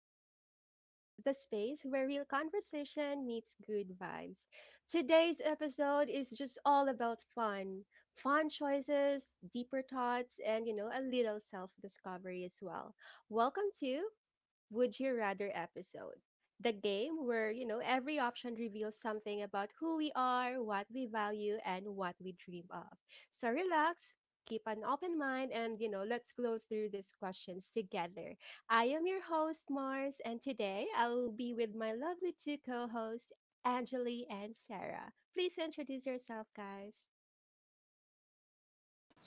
to Glow Talk, the space where real conversation meets good vibes. Today's episode is just all about fun choices, deeper thoughts, and a little self discovery as well. Welcome to would You Rather episode. The game where, every option reveals something about who we are, what we value, and what we dream of. So relax, keep an open mind, and, let's go through these questions together. I am your host, Mars, and today I will be with my lovely two co hosts, Angeli and Sarah. Please introduce yourself, guys.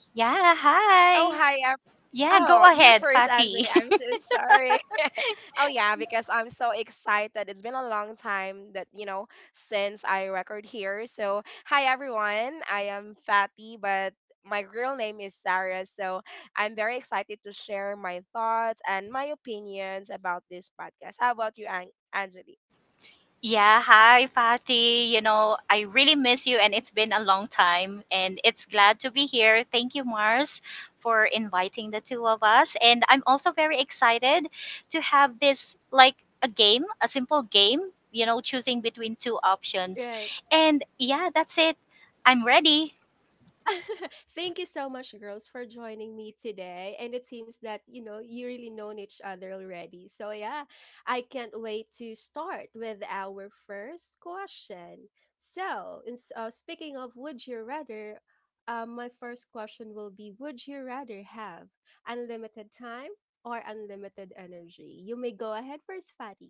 Yeah, Oh, hi. Hi. Oh, you Yeah, first, go Angela. ahead, I'm so Fati. sorry. Oh, yeah, because I'm so excited. It's been a long time since I record here. So, hi, everyone. I am Fatty, but my real name is Sarah. So, I'm very excited to share my thoughts and my opinions about this podcast. How about you, Angeli? Yeah, hi, Fati. You know, I really miss you, and it's been a long time, and it's glad to be here. Thank you, Mars, for inviting the two of us. And I'm also very excited to have this, a game, a simple game, you know, choosing between two options. Right. And yeah, that's it. I'm ready. Thank you so much, girls, for joining me today. And it seems that, you really known each other already. So, yeah, I can't wait to start with our first question. So, speaking of would you rather, my first question will be would you rather have unlimited time or unlimited energy? You may go ahead first, Fatty.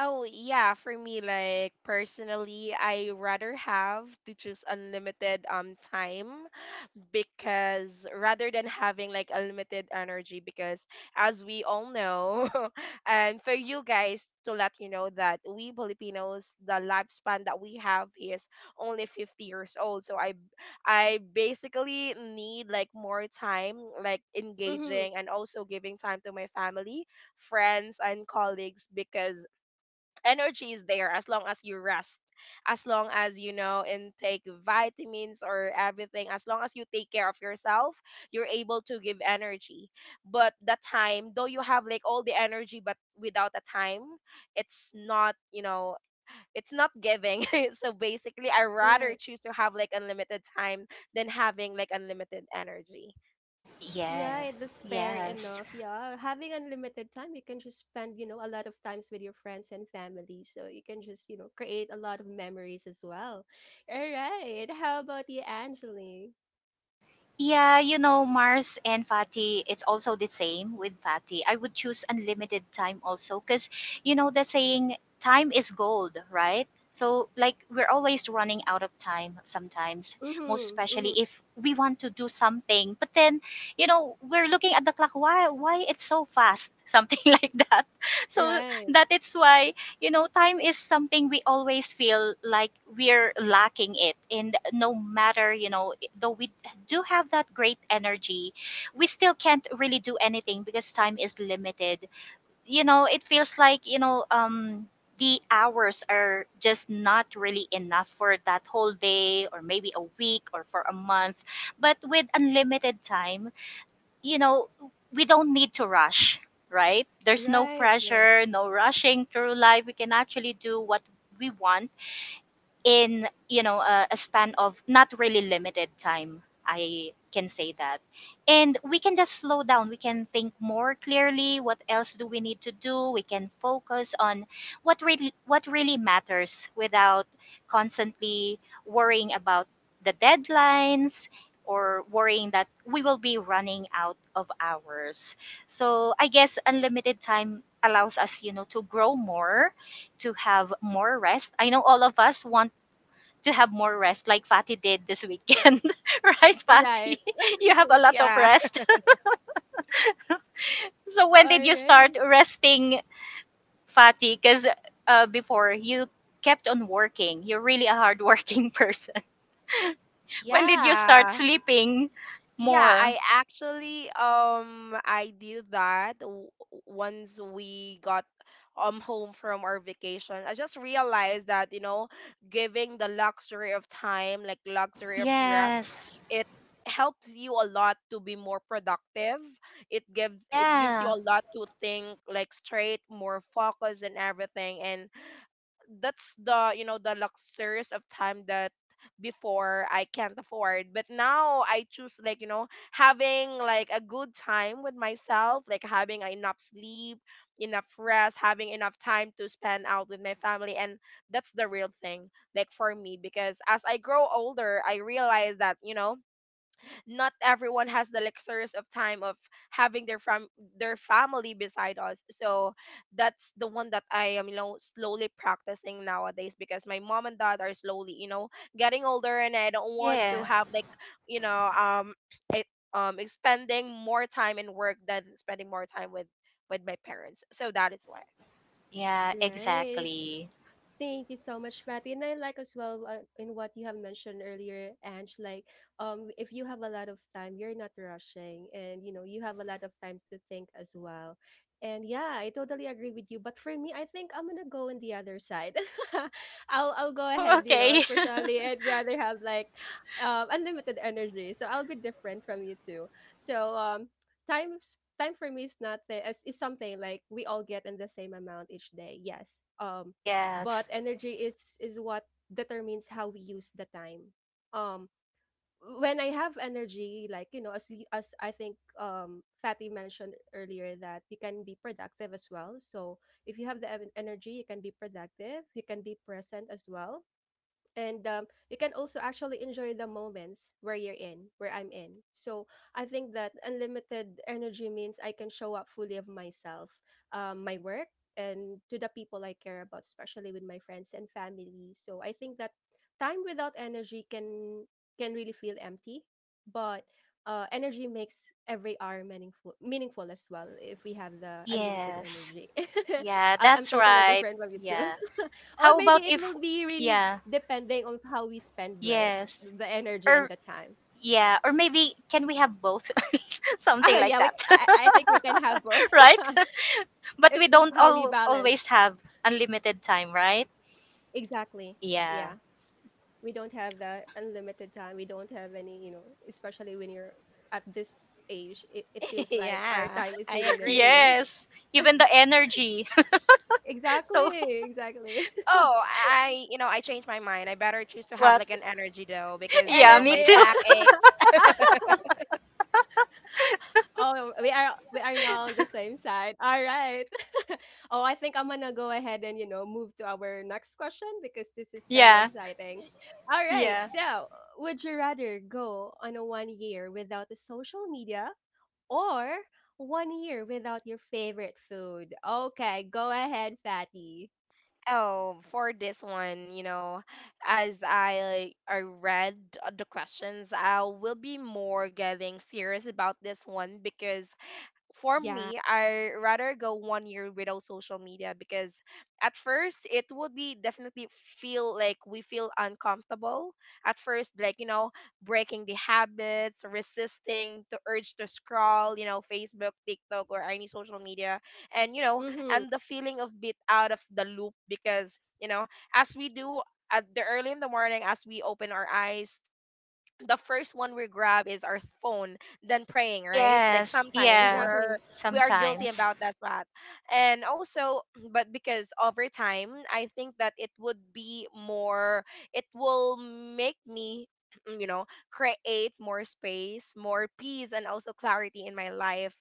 Oh, yeah, for me, like personally, I rather have to choose unlimited time, because rather than having like a limited energy, because as we all know, and for you guys to let you know that we Filipinos, the lifespan that we have is only 50 years old, so I basically need like more time, like Mm-hmm, engaging and also giving time to my family, friends, and colleagues, because energy is there as long as you rest, as long as you know and take vitamins or everything, as long as you take care of yourself, you're able to give energy. But the time, though, you have like all the energy but without the time, it's not, it's not giving. So basically, I rather right. choose to have like unlimited time than having like unlimited energy. Yeah, Right, that's fair yes. enough. Yeah, having unlimited time, you can just spend, a lot of times with your friends and family. So you can just, create a lot of memories as well. All right. How about you, Angeline? Yeah, you know, Mars and Fatty, it's also the same with Fatty. I would choose unlimited time also because, you know, the saying time is gold, right? So, like, we're always running out of time sometimes, most Mm-hmm, mm-hmm. especially if we want to do something. But then, you know, we're looking at the clock. Why it's so fast? Something like that. So Right, that is why, you know, time is something we always feel like we're lacking it. And no matter, you know, though we do have that great energy, we still can't really do anything because time is limited. You know, it feels like, the hours are just not really enough for that whole day or maybe a week or for a month. But with unlimited time, you know, we don't need to rush, right? There's no right, right, pressure, no rushing through life. We can actually do what we want in a span of not really limited time, I can say that. And we can just slow down, we can think more clearly what else do we need to do, we can focus on what really matters without constantly worrying about the deadlines or worrying that we will be running out of hours. So I guess unlimited time allows us, you know, to grow more, to have more rest. I know all of us want to have more rest like Fatty did this weekend. Right, right. Fatty? You have a lot of Yeah, rest. So when All did you start right. resting, Fatty? Because before you kept on working. You're really a hardworking person. When did you start yeah. sleeping Yeah, more? I actually I did that once we got home from our vacation. I just realized that giving the luxury of time, like luxury of rest, Yes. it helps you a lot to be more productive. It gives you Yeah. a lot to think like straight, more focus and everything. And that's the you know the luxurious of time that before I can't afford. But now I choose like having like a good time with myself, like having enough sleep, enough rest, having enough time to spend out with my family, and that's the real thing like for me, because as I grow older, I realize that not everyone has the luxurious of time of having their family beside us. So that's the one that I am, slowly practicing nowadays, because my mom and dad are slowly, getting older, and I don't want to Yeah. have like, you know, it spending more time in work than spending more time with my parents. So that is why. Yeah, Right. exactly. Thank you so much, Fatty. And I like as well in what you have mentioned earlier, Ange, like if you have a lot of time, you're not rushing and you have a lot of time to think as well. And yeah, I totally agree with you. But for me, I think I'm gonna go on the other side. I'll go Oh, ahead, okay. personally I'd rather have like unlimited energy. So I'll be different from you too. So time for me is not is something like we all get in the same amount each day. Yes. But Yes. energy is what determines how we use the time. um when I have energy, like as we as I think Fatty mentioned earlier, that you can be productive as well. So if you have the energy, you can be productive, you can be present as well. And you can also actually enjoy the moments where you're in, where I'm in. So I think that unlimited energy means I can show up fully of myself, my work, and to the people I care about, especially with my friends and family. So I think that time without energy can really feel empty. But energy makes every hour meaningful as well if we have the unlimited Yes. energy. Yeah, I'm that's totally right. different from you too. Yeah. Or How maybe about it if will be really yeah, depending on how we spend, right? yes. The energy and Or the time. yeah, or maybe can we have both? Oh Something like yeah, we that. I think we can have both. Right? But we It's just don't how we balance. always have unlimited time, right? Exactly. Yeah. Yeah. We don't have that unlimited time. We don't have any, you know, especially when you're at this age, it feels like our Yeah, time is I really limited. agree. Yes. Even the energy. Exactly, So exactly. Oh, I you know I changed my mind. I better choose to have what? like an energy though, because Yeah, me my Energy. too. back aches. Oh, we are now on the same side. All right. Oh, I think I'm gonna go ahead and move to our next question because this is kind of Yeah. exciting. All right. Yeah. So, would you rather go on a one year without the social media or one year without your favorite food? Okay, go ahead, Fatty. Oh, for this one, as I read the questions, I will be more getting serious about this one, because for Yeah. me, I rather go one year without social media, because at first it would be definitely feel like we feel uncomfortable at first, like breaking the habits, resisting the urge to scroll, Facebook, TikTok, or any social media, and you know, Mm-hmm. and the feeling of bit out of the loop, because as we do. At the early in the morning, as we open our eyes, the first one we grab is our phone, then praying, right? Like Yes. sometimes Yeah. we're Exactly. we are guilty Sometimes. about that spot. And also, but because over time, I think that it would be more, it will make me, you know create more space, more peace, and also clarity in my life,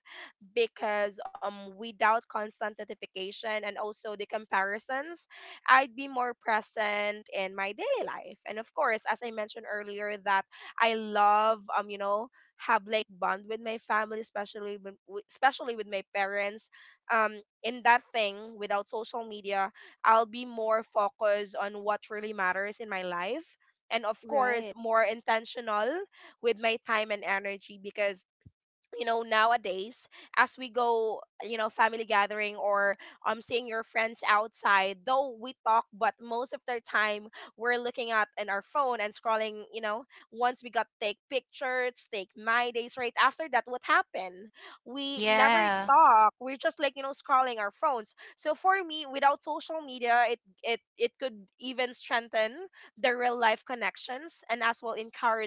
because without constant notification and also the comparisons, I'd be more present in my daily life. And of course, as I mentioned earlier, that I love, have like bond with my family, especially especially with my parents. In that thing without social media, I'll be more focused on what really matters in my life, and of course Right. more intentional with my time and energy. Because nowadays, as we go, family gathering or seeing your friends outside, though we talk, but most of their time, we're looking at in our phone and scrolling, once we got take pictures, take my days, right after that, what happened? We never Yeah. talk, we're just like, scrolling our phones. So for me, without social media, it could even strengthen the real life connections and as well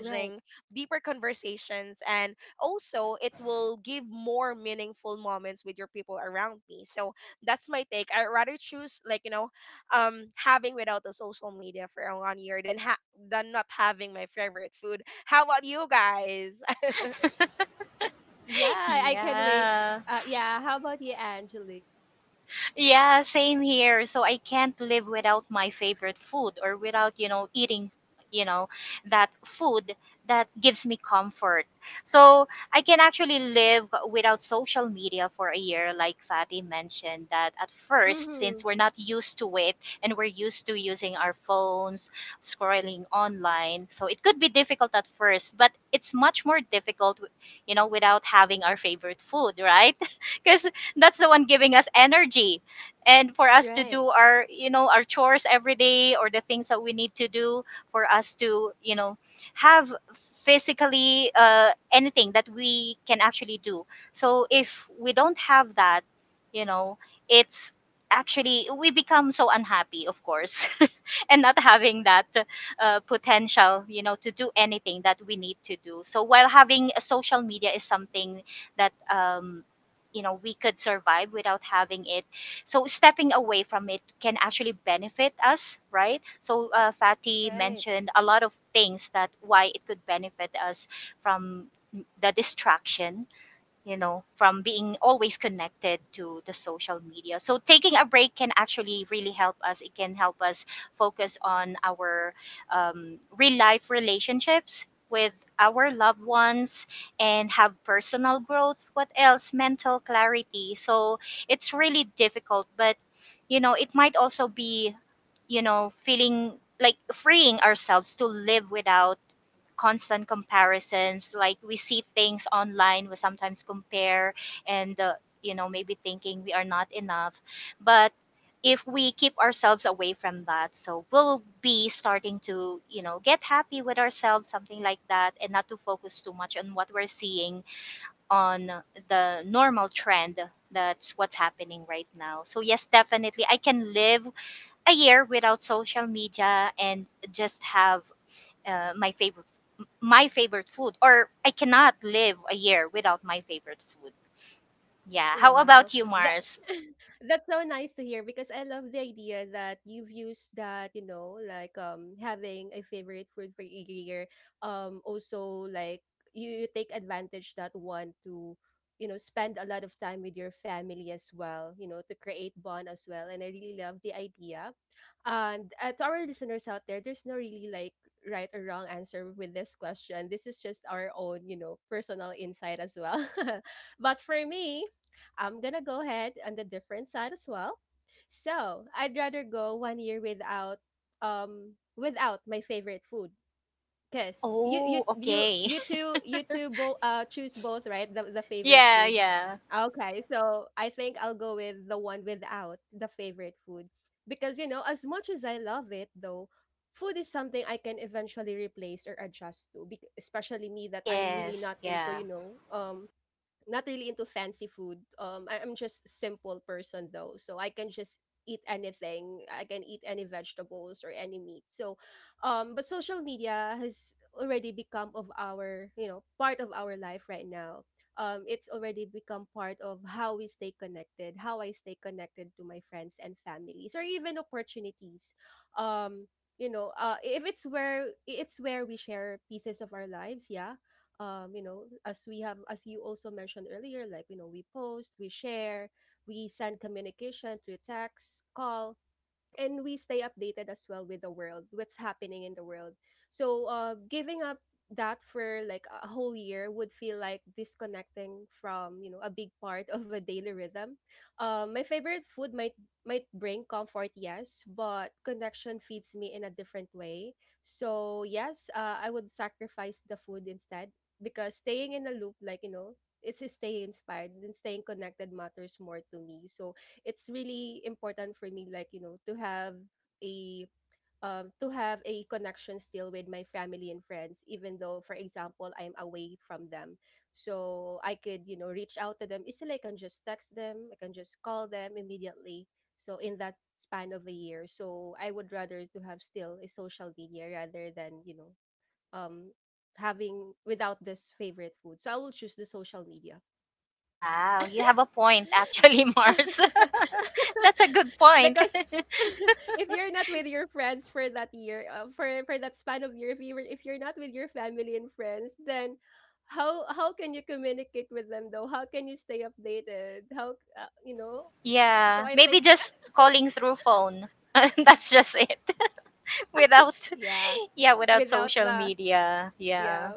Right. deeper conversations, and also it will give more meaningful moments with your people around me. So that's my take. I'd rather choose like, having without the social media for one year, than than not having my favorite food. How about you guys? Yeah, I can wait. Yeah. Yeah. How about you, Angelique? Yeah, same here. So I can't live without my favorite food or without, you know, eating, you know, that food that gives me comfort. So I can actually live without social media for a year, like Fatty mentioned, that at first, Mm-hmm. since we're not used to it and we're used to using our phones, scrolling online, so it could be difficult at first, but it's much more difficult, you know, without having our favorite food, right? Because that's the one giving us energy and for us to Right. do our our chores every day or the things that we need to do for us to, you know, have physically anything that we can actually do. So if we don't have that, you know, it's actually we become so unhappy, of course, and not having that potential, you know, to do anything that we need to do. So while having a social media is something that, you know, we could survive without having it, so stepping away from it can actually benefit us, right? So Fatty Right. mentioned a lot of things that why it could benefit us from the distraction, you know, from being always connected to the social media. So taking a break can actually really help us. It can help us focus on our, real life relationships with our loved ones and have personal growth. What else? Mental clarity. So it's really difficult, but you know, it might also be, you know, feeling like freeing ourselves to live without constant comparisons. Like we see things online, we sometimes compare, and you know, maybe thinking we are not enough. But if we keep ourselves away from that, so we'll be starting to, you know, get happy with ourselves, something like that, and not to focus too much on what we're seeing on the normal trend, that's what's happening right now. So yes, definitely I can live a year without social media and just have uh, my favorite my favorite food, or I cannot live a year without my favorite food. Yeah. How Wow. about you, That Mars? That's so nice to hear because I love the idea that you've used that, you know, like having a favorite food for each year. Also like you take advantage that one to, you know, spend a lot of time with your family as well, you know, to create bond as well. And I really love the idea. And to our listeners out there, there's no really like right or wrong answer with this question. This is just our own, you know, personal insight as well. But for me, I'm gonna go ahead on the different side as well. So I'd rather go one year without without my favorite food. Cause Oh, okay. You two both choose both, right, the favorite Yeah, food. yeah. Okay, so I think I'll go with the one without the favorite food because you know as much as I love it though, food is something I can eventually replace or adjust to. Especially me that I'm really Yes, not into yeah. Not really into fancy food. I'm just simple person though, so I can just eat anything. I can eat any vegetables or any meat. So, but social media has already become of our part of our life right now. It's already become part of how we stay connected, how I stay connected to my friends and families, or even opportunities. Um, you know, if it's where we share pieces of our lives, yeah, you know, as we have as you also mentioned earlier, like you know, we post, we share, we send communication through text call, and we stay updated as well with the world, what's happening in the world. So giving up that for like a whole year would feel like disconnecting from you know a big part of a daily rhythm. My favorite food might bring comfort, yes, but connection feeds me in a different way. So yes, I would sacrifice the food instead, because staying in a loop, like you know, it's staying inspired and staying connected matters more to me. So it's really important for me, like you know, a to have a connection still with my family and friends, even though, for example, I'm away from them. So I could, you know, reach out to them easily, I can just text them, I can just call them immediately. So in that span of a year, so I would rather to have still a social media rather than, you know, um having without this favorite food. So I will choose the social media. Wow, you have a point actually, Mars. That's a good point. Because if you're not with your friends for that year, for that span of year, if you're not with your family and friends, then how can you communicate with them though? How can you stay updated? How you know? So Yeah, I maybe think just calling through phone. That's just it. Without yeah, yeah, without without social the media. Yeah. yeah,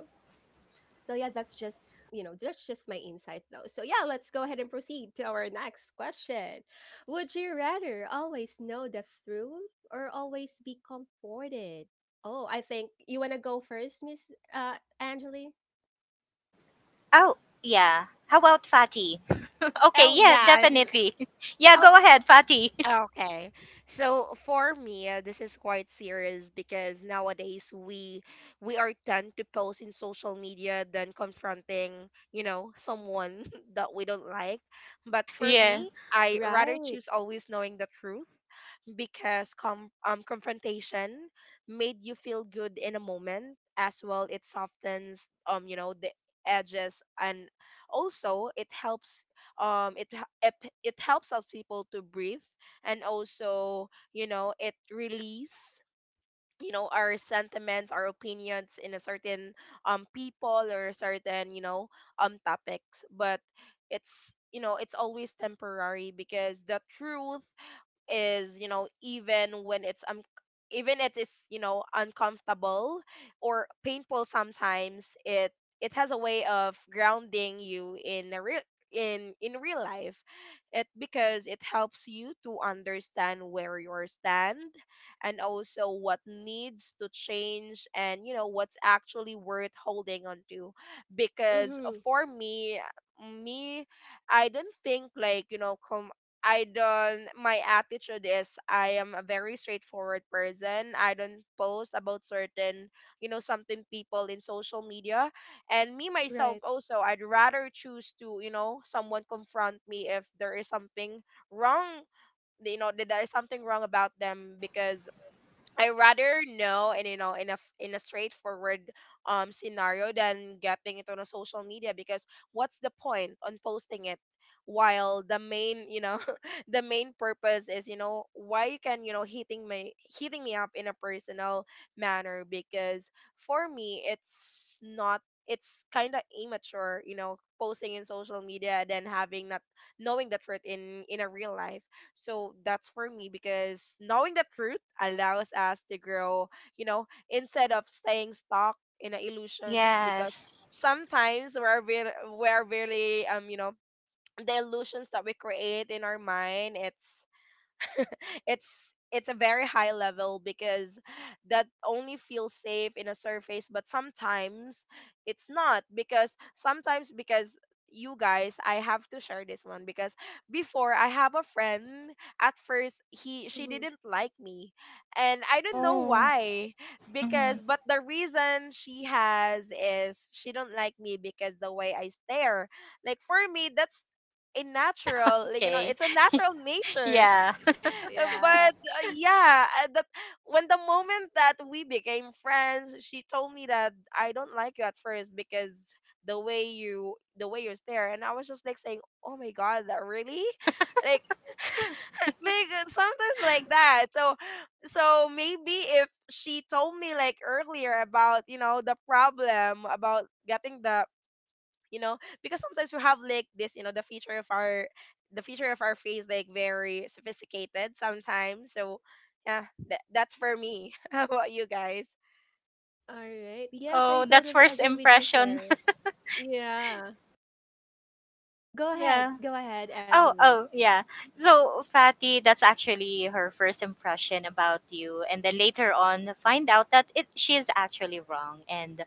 so yeah, that's just you know that's just my insight though. So yeah, let's go ahead and proceed to our next question. Would you rather always know the truth or always be comforted? Oh, I think you wanna go first, Miss Angeli. Oh, yeah. How about Fatty? Okay, Oh, yeah, yeah, I'm definitely. Yeah, oh go ahead, Fatty. Okay. So for me, this is quite serious, because nowadays we are tend to post in social media than confronting, someone that we don't like. But for Yeah. me, I rather Right. choose always knowing the truth, because confrontation made you feel good in a moment. As well, it softens, the edges, and also it helps, it h- it, p- it helps us people to breathe. And also, it release, our sentiments, our opinions, in a certain people or a certain, topics. But it's you know it's always temporary, because the truth is, even when it's even it is, uncomfortable or painful sometimes, it has a way of grounding you in a real, in real life. It Because it helps you to understand where you stand, and also what needs to change, and what's actually worth holding on to. Because Mm-hmm. for me I don't think like you know com I don't my attitude is, I am a very straightforward person. I don't post about certain, something people in social media. And me myself Right. also, I'd rather choose to, someone confront me if there is something wrong, that there is something wrong about them. Because I rather know, and in a straightforward scenario, than getting it on a social media. Because what's the point on posting it, while the main, the main purpose is, why you can, hitting me up in a personal manner. Because for me, it's not, it's kind of immature, posting in social media, and then having not knowing the truth in a real life. So that's for me, because knowing the truth allows us to grow, instead of staying stuck in a illusions. Because Yes. sometimes we're we're really, the illusions that we create in our mind, it's it's a very high level, because that only feels safe in a surface. But sometimes it's not, because sometimes, because you guys, I have to share this one. Because before I have a friend, at first he she Mm-hmm. didn't like me, and I don't know Oh. why, Hmm. because but the reason she has is, she don't like me because the way I stare. Like for me, that's a natural, like Okay. it's a natural nature. Yeah. Yeah. But yeah, that, when the moment that we became friends, she told me that, "I don't like you at first because the way you stare," and I was just like saying, "Oh my God, that really?" Like like sometimes like that. So, maybe if she told me like earlier about the problem, about getting the you know because sometimes we have like this, the feature of our face like very sophisticated sometimes. So yeah, that's for me. How about you guys? All right. Yes, I Oh, that's totally first agree with you, impression. sir. Yeah. Go ahead. Yeah. Go ahead, Oh, Angeli. oh, yeah. So, Fatty, that's actually her first impression about you. And then later on, find out that it she's actually wrong. And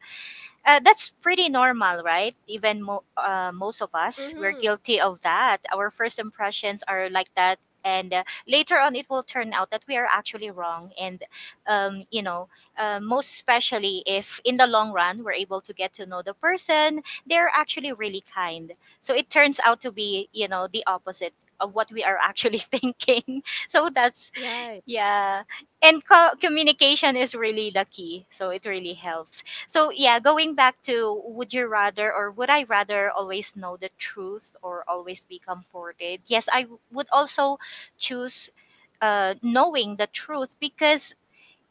That's pretty normal, right? Even most of us, we're Mm-hmm. guilty of that. Our first impressions are like that. And later on, it will turn out that we are actually wrong. And, you know, most especially if in the long run we're able to get to know the person, they're actually really kind. So it turns out to be, you know, the opposite of what we are actually thinking. So that's Right. yeah. And communication is really the key. So it really helps. So, yeah, going back to would you rather or would I rather always know the truth or always be comforted? Yes, would also choose knowing the truth because,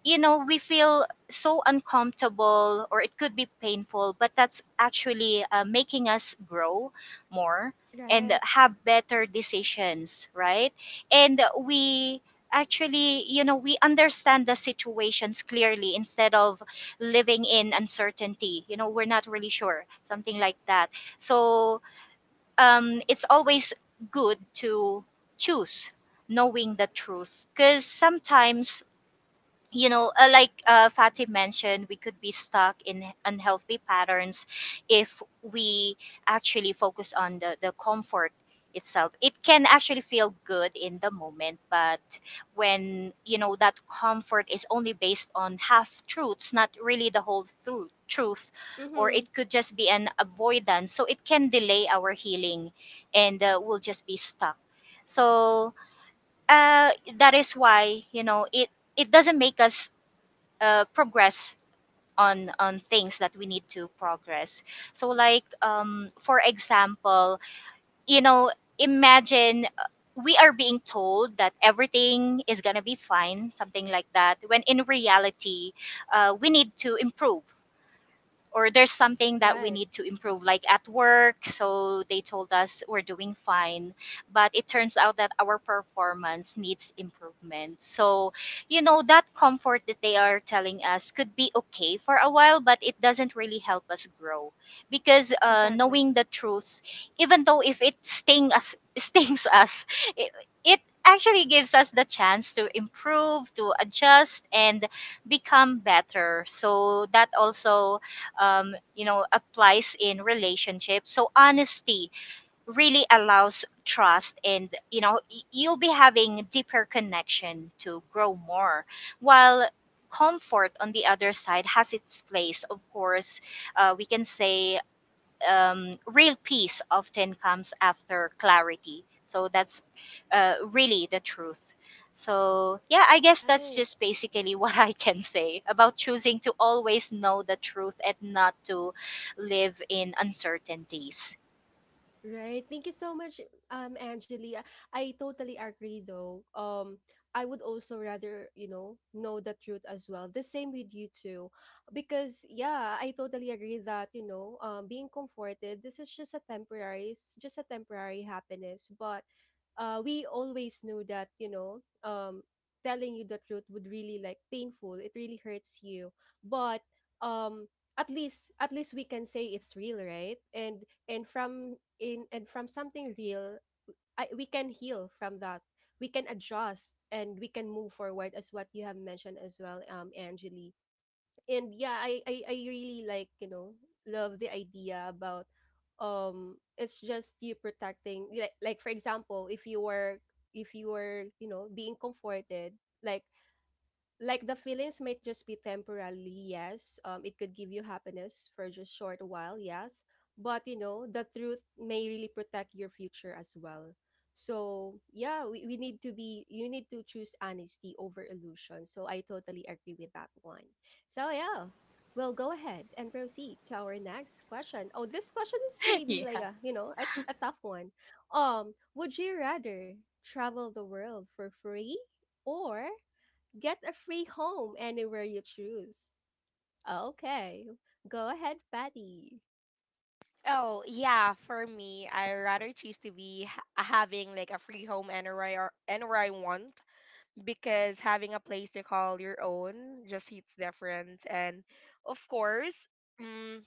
you know, we feel so uncomfortable or it could be painful, but that's actually making us grow more and Right. have better decisions, right? And we actually, you know, we understand the situations clearly instead of living in uncertainty. You know, we're not really sure, something like that. So, it's always good to choose knowing the truth because sometimes, you know, like Fatih mentioned, we could be stuck in unhealthy patterns if we actually focus on the comfort itself. It can actually feel good in the moment, but when, you know, that comfort is only based on half truths, not really the whole truth, or Mm-hmm. it could just be an avoidance. So it can delay our healing, and we'll just be stuck. So uh, that is why, you know, it doesn't make us progress on things that we need to progress. So like, for example, you know, imagine we are being told that everything is going to be fine, something like that, when in reality, we need to improve or there's something that we Right. need to improve, like at work, so they told us we're doing fine, but it turns out that our performance needs improvement. So, you know, that comfort that they are telling us could be okay for a while, but it doesn't really help us grow because, Exactly. knowing the truth, even though if it sting us stings us, it, it actually gives us the chance to improve, to adjust, and become better. So that also, you know, applies in relationships. So honesty really allows trust and, you know, you'll be having deeper connection to grow more, while comfort on the other side has its place, of course. We can say, real peace often comes after clarity. So that's really the truth. So, yeah, I guess that's Right. just basically what I can say about choosing to always know the truth and not to live in uncertainties. Right. Thank you so much, Angelia. I totally agree though. I would also rather, you know the truth as well. The same with you too. Because yeah, I totally agree that, you know, being comforted, this is just a temporary it's just a temporary happiness. But we always knew that, you know, telling you the truth would really like painful. It really hurts you. But um at least we can say it's real, right? And from in and from something real we can heal from that, we can adjust and we can move forward, as what you have mentioned as well, Angeli. And yeah, I really like, you know, love the idea about it's just you protecting, like for example, if you were, if you were you know being comforted, like like the feelings might just be temporarily, yes, it could give you happiness for just short while, yes, but you know the truth may really protect your future as well. So yeah, we need to be, you need to choose honesty over illusion. So I totally agree with that one. So yeah, we'll go ahead and proceed to our next question. Oh, this question is maybe Yeah. like a you know a tough one. Would you rather travel the world for free or get a free home anywhere you choose. Okay. Go ahead, Patty. Oh, yeah, for me, I rather choose to be having like a free home anywhere I, or anywhere I want, because having a place to call your own just hits different. And of course, mm,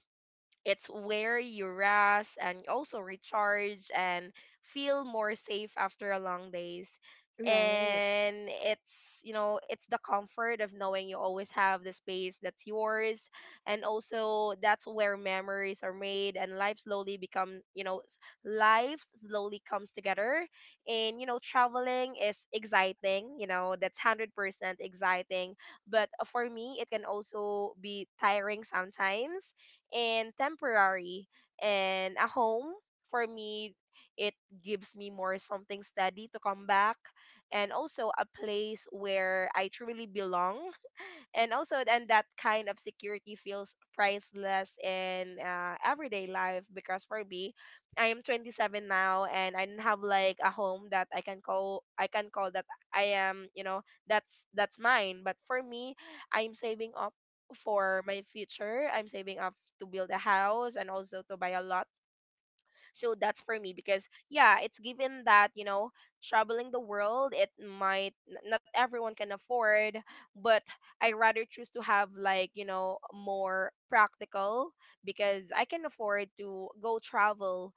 it's where you rest and also recharge and feel more safe after a long days. Right. And it's the comfort of knowing you always have the space that's yours. And also that's where memories are made, and life slowly comes together. And, traveling is exciting, that's 100% exciting, but for me it can also be tiring sometimes and temporary. And a home for me, it gives me more something steady to come back, and also a place where I truly belong and also and that kind of security feels priceless in everyday life, because for me, I am 27 now and I don't have like a home that I can call that I am, you know, that's mine. But for me, I'm saving up for my future. I'm saving up to build a house and also to buy a lot. So that's for me, because, yeah, it's given that, you know, traveling the world, it might not everyone can afford, but I rather choose to have like, you know, more practical, because I can afford to go travel,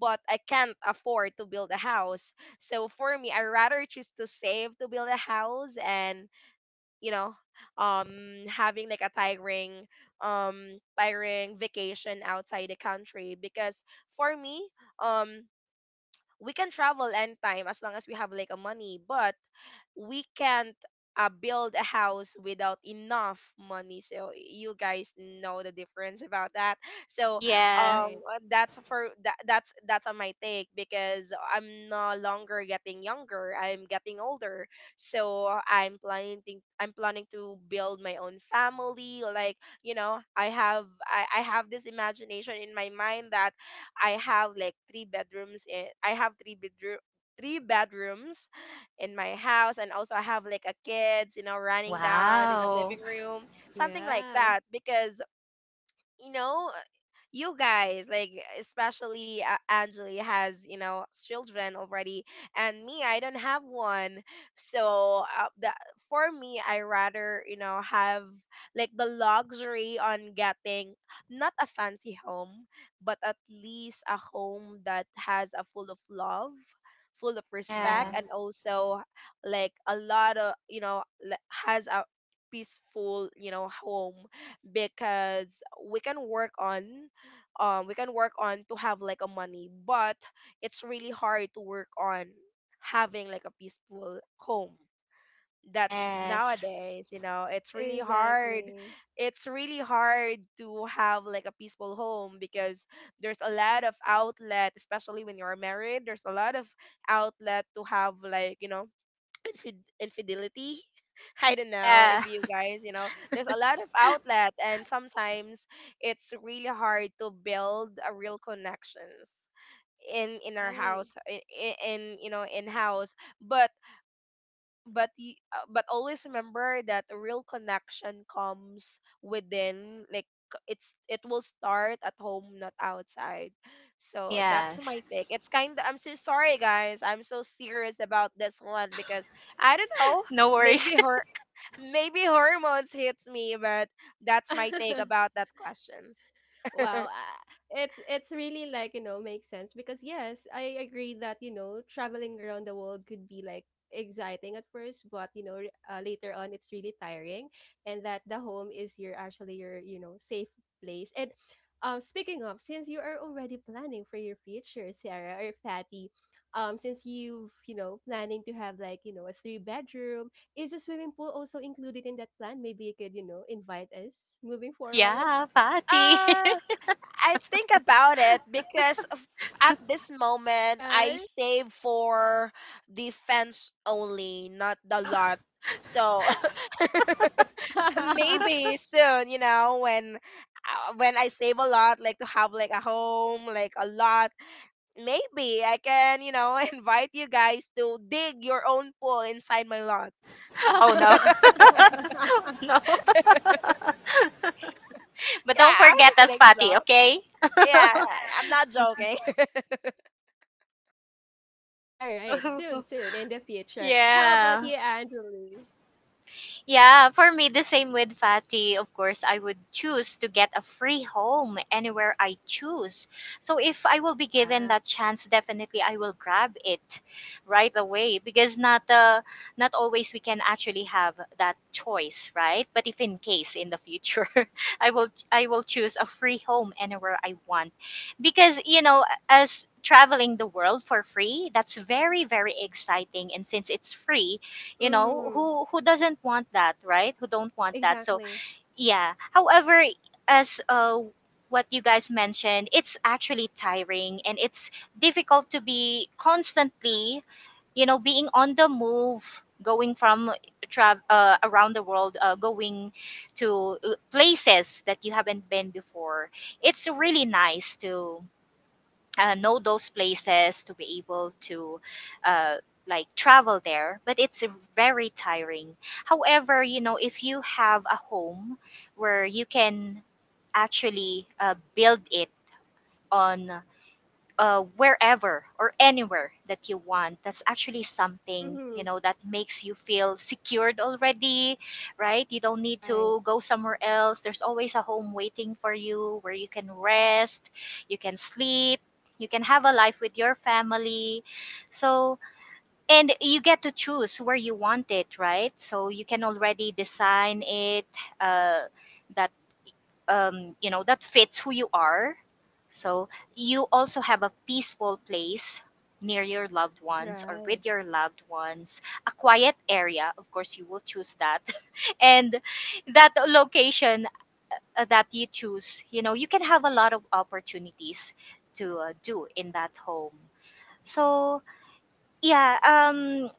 but I can't afford to build a house. So for me, I rather choose to save to build a house and you know um having like a tiring vacation outside the country, because for me, um we can travel anytime as long as we have like a money, but we can't build a house without enough money. So you guys know the difference about that. So, Yeah. Right. That's for that, that's on my take, because I'm no longer getting younger. I'm getting older. So I'm planning to build my own family. Like, you know, I have this imagination in my mind that I have like three bedrooms. I have three bedrooms in my house, and also I have like a kids, you know, running down in the Wow. living room, something like Yeah. that, because, you know, you guys, like, especially Angeli has, you know, children already, and me, I don't have one. So, for me, I rather, you know, have like the luxury on getting not a fancy home, but at least a home that has a full of love, full of respect, Yeah. Wow. and also like a lot of, you know, has a peaceful, you know, home. Because we can work on we can work on to have like a money, but it's really hard to work on having like a peaceful home. That's Yes. nowadays, you know, it's really hard. Exactly. It's really hard to have like a peaceful home, because there's a lot of outlet, especially when you're married. There's a lot of outlet to have like, you know, infidelity. I don't know if Yeah. you guys, you know, there's a lot of outlet, and sometimes it's really hard to build a real connections in our Right. house, in you know, in house. But but y- uh, but always remember that a real connection comes within, like, it's, it will start at home, not outside. So that's my Yes. take. It's kind of, I'm so sorry, guys, I'm so serious about this one, because I don't know, No maybe worries. her maybe hormones hits me, but that's my take about that questions. Wow, it's really like, you know, makes sense because yes, I agree that, you know, traveling around the world could be like exciting at first, but you know, later on it's really tiring. And that the home is your actually your, you know, safe place. And speaking of, since you are already planning for your future, Sarah or Patty, since you've, you know, planning to have like, you know, a three bedroom, is a swimming pool also included in that plan? Maybe you could, you know, invite us moving forward. Yeah, party. Uh, I think about it because at this moment I Right? save for defense only, not the lot. So, All maybe soon, you know, when when I save a lot, like to have like a home, like a lot, maybe I can, you know, invite you guys to dig your own pool inside my lot. Oh, no. No. But Yeah, don't I was forget just us, like Patty, joke. okay? Yeah, I'm not joking. right, soon, soon in the future. How about Yeah. you, Anjali? Yeah, for me, the same with Fatty. Of course, I would choose to get a free home anywhere I choose. So if I will be given Wow. that chance, definitely I will grab it right away because not not always we can actually have that choice, right? But if in case in the future, I will choose a free home anywhere I want because you know as traveling the world for free that's very very exciting. And since it's free, you know, Mm-hmm. who doesn't want that, right? Who don't want that? So Exactly. yeah. However, as what you guys mentioned, it's actually tiring and it's difficult to be constantly, you know, being on the move, going from around the world, going to places that you haven't been before. It's really nice to know those places, to be able to uh, like travel there, but it's very tiring. However, you know, if you have a home where you can actually build it on wherever or anywhere that you want, that's actually something, you Mm-hmm. know, that makes you feel secured already. Right, you don't need Right. to go somewhere else. There's always a home waiting for you where you can rest, you can sleep, you can have a life with your family. So, and you get to choose where you want it, right? So you can already design it uh, that you know, that fits who you are. So you also have a peaceful place near your loved ones, or Right. with your loved ones, a quiet area, of course you will choose that. And that location that you choose, you know, you can have a lot of opportunities to do in that home. So yeah,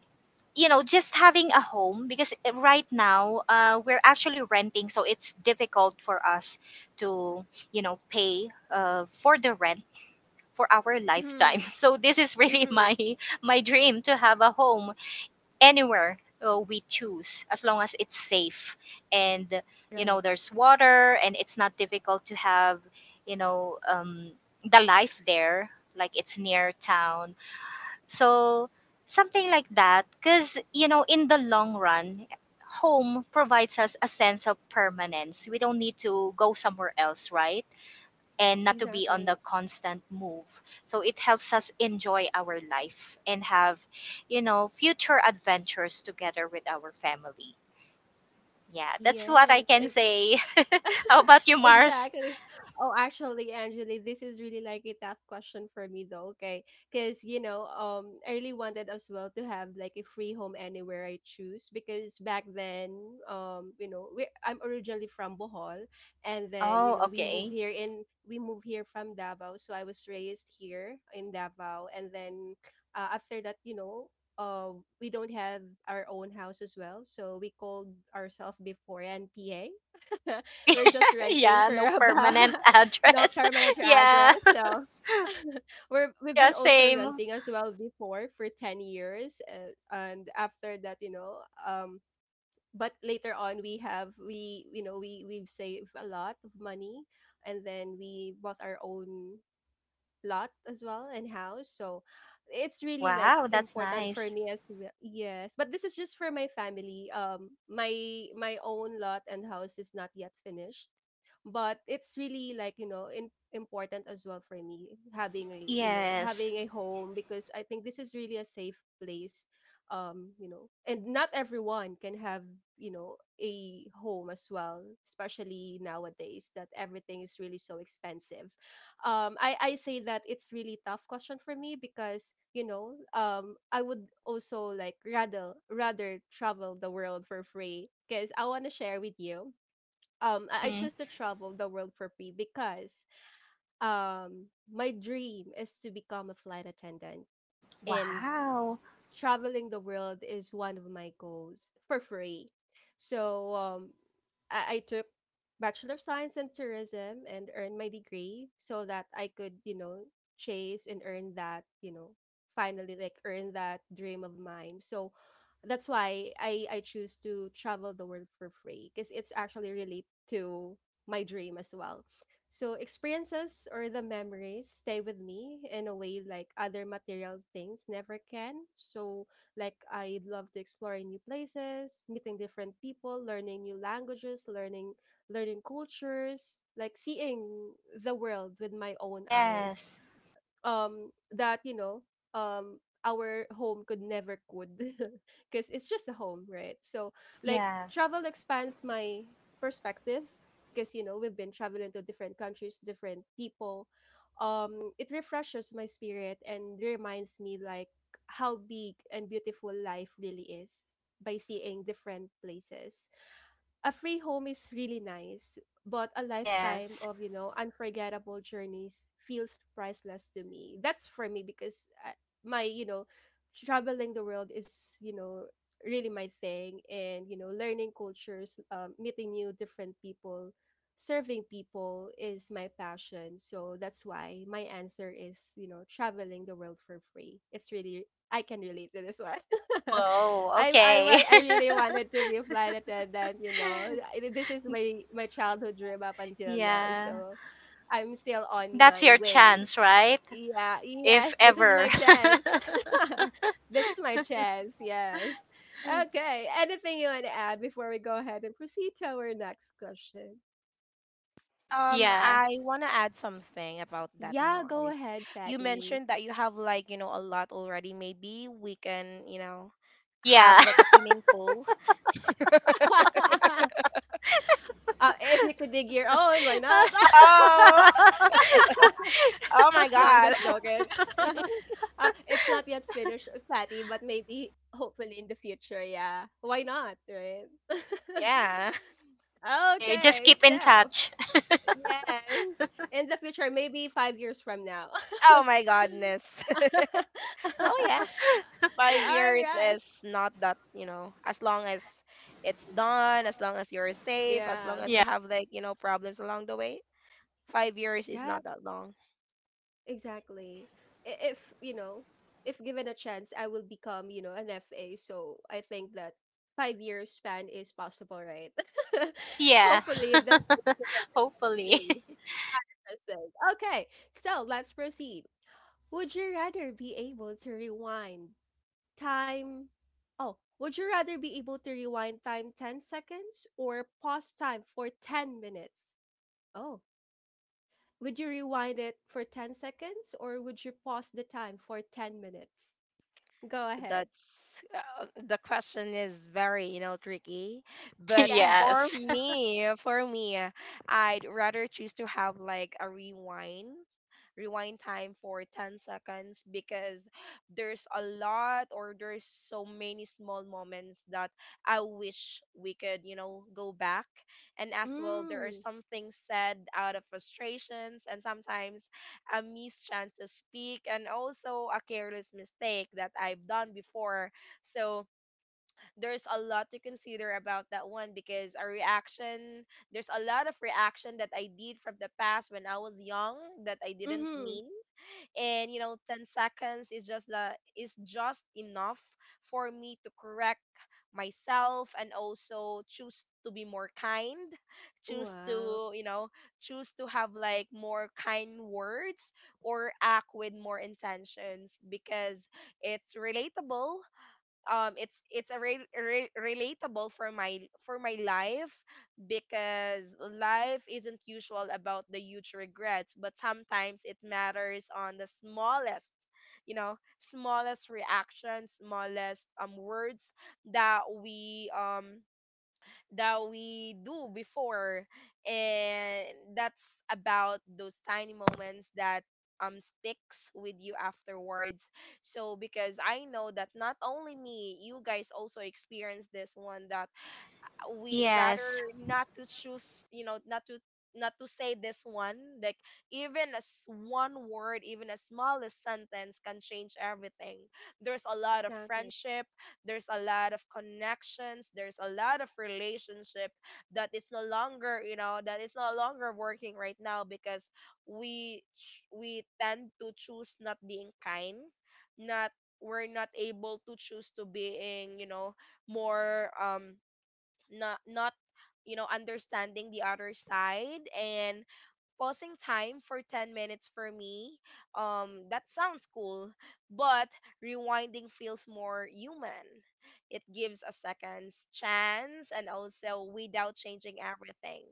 you know, just having a home, because right now we're actually renting, so it's difficult for us to, you know, pay for the rent for our lifetime. Mm-hmm. So this is really Mm-hmm. my dream to have a home anywhere we choose, as long as it's safe and, you know, Right. there's water, and it's not difficult to have, you know, the life there, like it's near town. So something like that, because you know, in the long run, home provides us a sense of permanence. We don't need to go somewhere else, right? And not to be on the Exactly. constant move. So it helps us enjoy our life and have, you know, future adventures together with our family. Yeah, that's what I Yes. can say. How about you, Mars? Exactly. Oh, actually, Angeli, this is really like a tough question for me though, okay? Because, you know, I really wanted as well to have like a free home anywhere I choose because back then, you know, we I'm originally from Bohol and then, you Oh, know, okay. We move here from Davao, so I was raised here in Davao and then after that, you know, uh, we don't have our own house as well, so we called ourselves before and PA. Oh, We're just renting yeah, for no about permanent no address. permanent yeah, address. So we've yeah, been also same. renting as well before for 10 years, and after that, you know, but later on we you know we've saved a lot of money and then we bought our own lot as well and house. So it's really like Wow, that's important for nice. me as well. Yes, but this is just for my family. My own lot and house is not yet finished, but it's really like you know important as well for me having a you know Yes. having a home because I think this is really a safe place. You know, and not everyone can have you know a home as well, especially nowadays that everything is really so expensive. I say that it's really tough question for me because you know I would also like rather travel the world for free because I want to share with you. I Mm-hmm. choose to travel the world for free because um my dream is to become a flight attendant and Wow. traveling the world is one of my goals for free. So I took Bachelor of Science in Tourism and earned my degree so that I could, you know, chase and earn that, you know, finally like earn that dream of mine. So that's why I choose to travel the world for free because it's actually relate to my dream as well. So experiences or the memories stay with me in a way like other material things never can. So like I love to explore new places, meeting different people, learning new languages, learning cultures, like seeing the world with my own eyes. Yes. That you know um our home could never could Because it's just a home right? So like Yeah. travel expands my perspective because you know we've been traveling to different countries, different people. It refreshes my spirit and reminds me like how big and beautiful life really is by seeing different places. A free home is really nice, but a lifetime Yes. of, you know, unforgettable journeys feels priceless to me. That's for me because my, you know, traveling the world is, you know, really my thing and, you know, learning cultures, meeting new different people, serving people is my passion. So that's why my answer is, you know, traveling the world for free. It's really I can relate to this one. Whoa, I I okay. wa- I really wanted to be a flight attendant, you know. This is my childhood dream up until now. yeah. So I'm still on That's my your way. chance, right? Yeah, If yes, this is ever. my chance. This is my chance. Yes. Okay. Anything you want to add before we go ahead and proceed to our next question? Yeah. I want to add something about that, Yeah, go Mars. ahead, You Fatty. mentioned that you have like, you know, a lot already. Maybe we can, you know, have Yeah. like a swimming pool. uh, if you could dig your own, why not? Oh, oh my No, I'm God. just joking. It's not yet finished, Patty, but maybe hopefully in the future, yeah. Why not, right? Yeah. Okay, just Okay, keep in so touch. yes, in the future, maybe 5 years from now. Oh my goodness. Oh yeah. All 5 years right. is not that, you know, as long as it's done, as long as you're safe, as long Yeah. as you Yeah. have like, you know, problems along the way. 5 years is Yeah. not that long. Exactly. If, you know, if given a chance, I will become, you know, an FA. So I think that 5 years span is possible, right? Yeah. Hopefully in the future. I Hopefully. will. Interesting. Okay, so let's proceed. Would you rather be able to rewind time? Oh, would you rather be able to rewind time 10 seconds or pause time for 10 minutes? Oh, would you rewind it for 10 seconds or would you pause the time for 10 minutes? Go ahead. That's the question is very, you know, tricky, but Yes. for yes. me for me I'd rather choose to have like a rewind time for 10 seconds, because there's a lot, or there's so many small moments that I wish we could, you know, go back. And as well, there are Mm. some things said out of frustrations, and sometimes a missed chance to speak, and also a careless mistake that I've done before. So there's a lot to consider about that one, because a reaction, there's a lot of reaction that I did from the past when I was young that I didn't Mhm. mean. And, you know, 10 seconds is just the is just enough for me to correct myself and also choose to be more kind, choose Wow. to, you know, choose to have like more kind words, or act with more intentions, because it's relatable. It's a relatable for my life, because life isn't usual about the huge regrets, but sometimes it matters on the smallest, you know, smallest reactions, smallest words that we do before. And that's about those tiny moments that sticks with you afterwards. So, because I know that not only me, you guys also experience this one, that we Yes. rather not to choose, you know, not to say this one, like, even as one word, even a smallest sentence can change everything. There's a lot of Exactly. friendship, there's a lot of connections, there's a lot of relationship that is no longer you know that is no longer working right now, because we tend to choose not being kind, not, we're not able to choose to being, you know, more, not, understanding the other side. And pausing time for 10 minutes for me, that sounds cool, but rewinding feels more human. It gives a second's chance, and also without changing everything,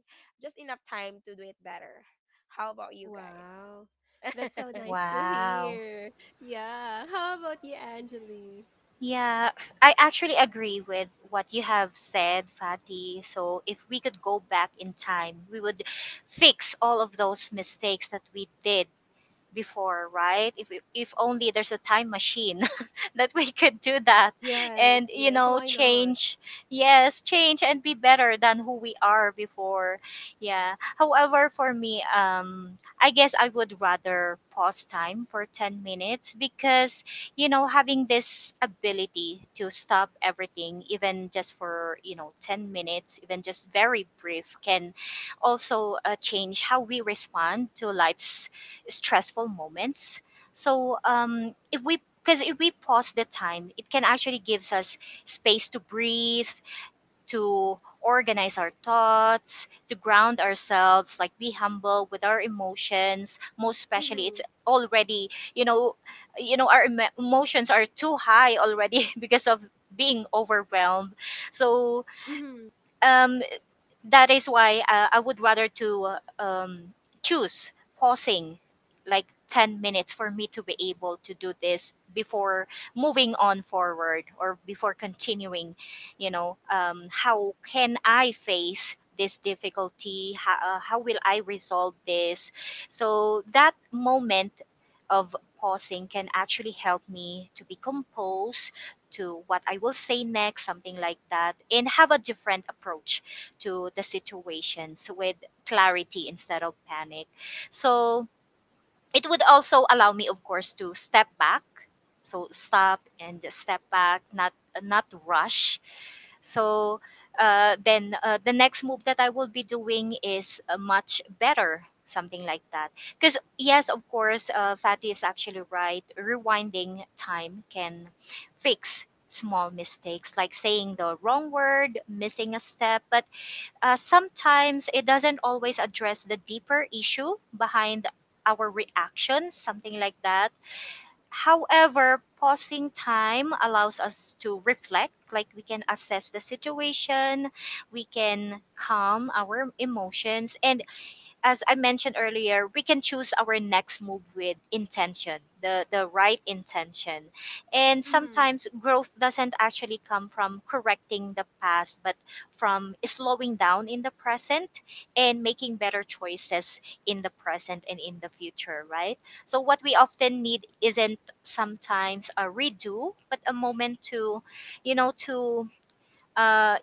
just enough time to do it better. How about you Wow. guys? That's so nice to Wow. hear. Yeah. How about you, Angeli? Yeah, I actually agree with what you have said, Fati. So, if we could go back in time, we would fix all of those mistakes that we did before, right? If only there's a time machine that we could do that, Yes. and you Yes, know, why not? change, yes, change and be better than who we are before. Yeah. However, for me, I guess I would rather pause time for 10 minutes, because you know, having this ability to stop everything, even just for you know 10 minutes, even just very brief, can also change how we respond to life's stressful moments. So if we, because if we pause the time, it can actually gives us space to breathe, to organize our thoughts, to ground ourselves, like be humble with our emotions. Most especially, it's Mhm. already, you know, you know, our emotions are too high already because of being overwhelmed. So Mhm. um, that is why I would rather to choose pausing like 10 minutes for me to be able to do this before moving on forward or before continuing, you know, how can I face this difficulty, how will I resolve this? So that moment of pausing can actually help me to be composed to what I will say next, something like that, and have a different approach to the situations with clarity instead of panic. So it would also allow me, of course, to step back, so stop and just step back, not not to rush. So then the next move that I will be doing is much better, something like that. Because yes, of course, Fatty is actually right, rewinding time can fix small mistakes, like saying the wrong word, missing a step, but sometimes it doesn't always address the deeper issue behind our reactions, something like that. However, pausing time allows us to reflect, like we can assess the situation, we can calm our emotions, and as I mentioned earlier, we can choose our next move with intention, the right intention. And Mhm. sometimes growth doesn't actually come from correcting the past, but from slowing down in the present and making better choices in the present and in the future, right? So, what we often need isn't sometimes a redo, but a moment to, you know, to. Uh,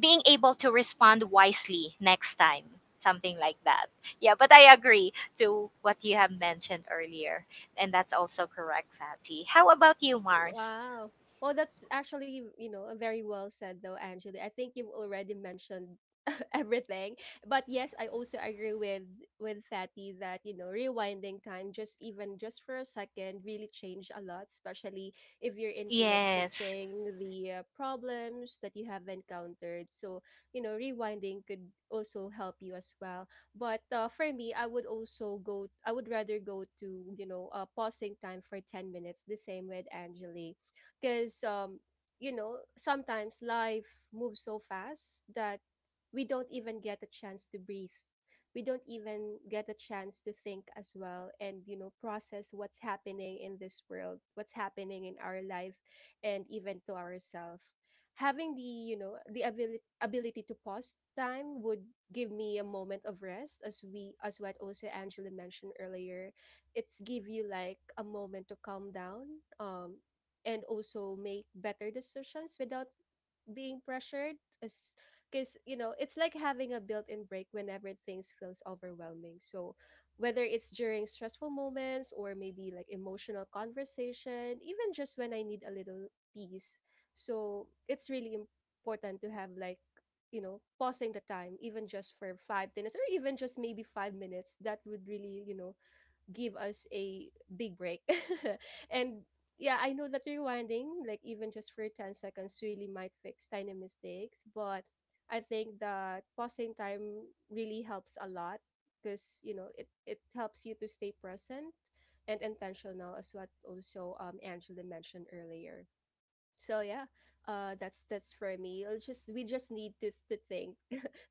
Being able to respond wisely next time, something like that. Yeah, but I agree to what you have mentioned earlier, and that's also correct, Fatty. How about you, Mars? Wow. Well, that's actually, you know, very well said though, Angela. I think you've already mentioned everything. But yes, I also agree with Fatty that, you know, rewinding time just even just for a second really changed a lot, especially if you're into like Yes. fixing the problems that you have encountered. So, you know, rewinding could also help you as well. But for me, I would also go. I would rather go to you know pausing time for 10 minutes. The same with Angeli, because you know sometimes life moves so fast that we don't even get a chance to breathe. We don't even get a chance to think as well and you know process what's happening in this world, what's happening in our life, and even to ourselves. Having the you know the ability to pause time would give me a moment of rest as we as what also Angela mentioned earlier. It's give you like a moment to calm down, um and also make better decisions without being pressured. As Because you know it's like having a built-in break whenever things feels overwhelming. So whether it's during stressful moments or maybe like emotional conversation, even just when I need a little peace, so it's really important to have like you know pausing the time even just for 5 minutes or even just maybe 5 minutes that would really you know give us a big break. And yeah, I know that rewinding, like even just for 10 seconds, really might fix tiny mistakes. But I think that pausing time really helps a lot because, you know, it helps you to stay present and intentional, as what also Angela mentioned earlier. So yeah, that's for me. I'll just we just need to think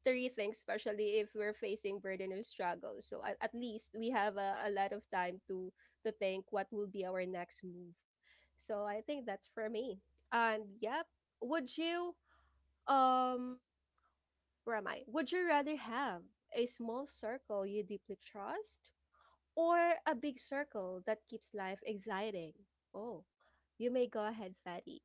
three things, especially if we're facing burden or struggles. So at least we have a lot of time to think what will be our next move. So I think that's for me. And yep, would you um where am I? Would you rather have a small circle you deeply trust or a big circle that keeps life exciting? Oh, you may go ahead, Fatty.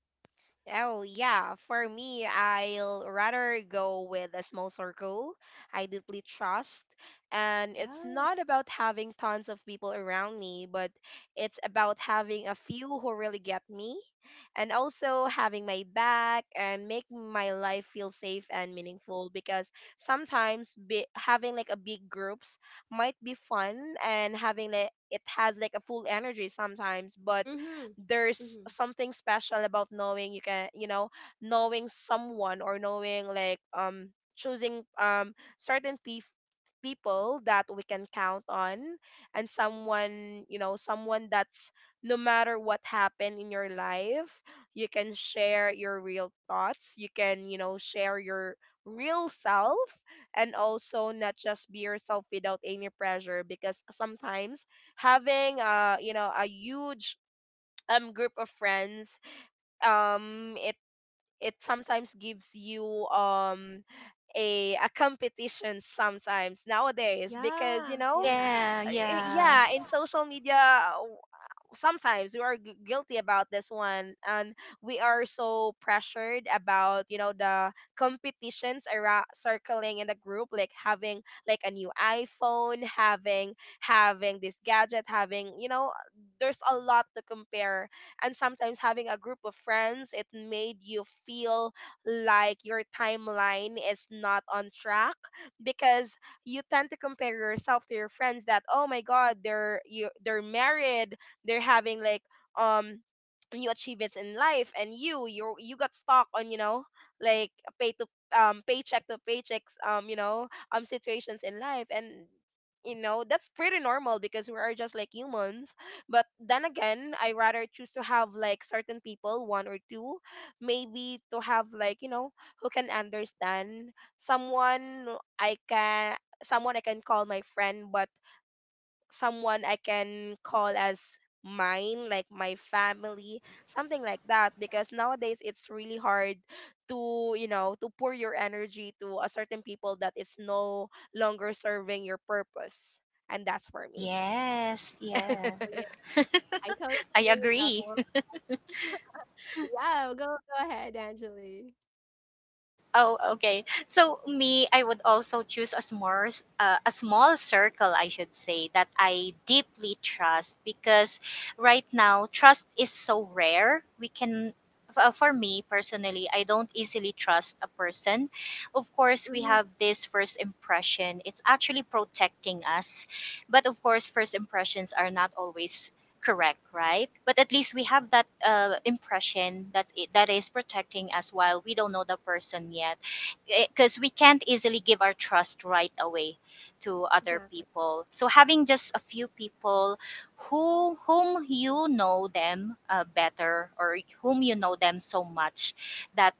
Oh yeah, for me, I'll rather go with a small circle I deeply trust, and it's Yeah. not about having tons of people around me, but it's about having a few who really get me, and also having my back and making my life feel safe and meaningful. Because sometimes, having like a big groups might be fun, and having like it has like a full energy sometimes, but Mm-hmm. there's Mm-hmm. something special about knowing you can, you know, knowing someone, or knowing, like, choosing certain people that we can count on, and someone, you know, someone that's, no matter what happened in your life, you can share your real thoughts, you can, you know, share your real self, and also not just be yourself without any pressure, because sometimes having a huge group of friends, um it it sometimes gives you a competition sometimes nowadays, because, you Yeah. know, Yeah. Yeah. uh, Yeah. yeah, in social media sometimes we are gu guilty about this one, and we are so pressured about, you know, the competitions around circling in the group, like having like a new iPhone, having this gadget, having, you know, there's a lot to compare. And sometimes having a group of friends it made you feel like your timeline is not on track, because you tend to compare yourself to your friends, that, oh my God, they're married, they're having like um new achievements in life, and you got stuck on, you know, like pay to paycheck to paychecks, situations in life. And, you know, that's pretty normal because we are just like humans. But then again, I rather choose to have like certain people, one or two, maybe, to have like, you know, who can understand someone, I can someone I can call my friend, but someone I can call as mine, like my family, something like that. Because nowadays it's really hard to, you know, to pour your energy to a certain people that it's no longer serving your purpose. And that's for me. Yes. Yeah. Oh yeah. I totally I agree with that. agree. Yeah, go ahead, Angeli. Oh, okay. So me, I would also choose a small, a small circle, I should say, that I deeply trust, because right now trust is so rare. We can, for me personally, I don't easily trust a person. Of course, we Mm-hmm. have this first impression. It's actually protecting us, but of course, first impressions are not always correct, right? But at least we have that impression, that's it, that is protecting us while we don't know the person yet, because we can't easily give our trust right away to other Exactly. people. So having just a few people who, whom you know them better, or whom you know them so much that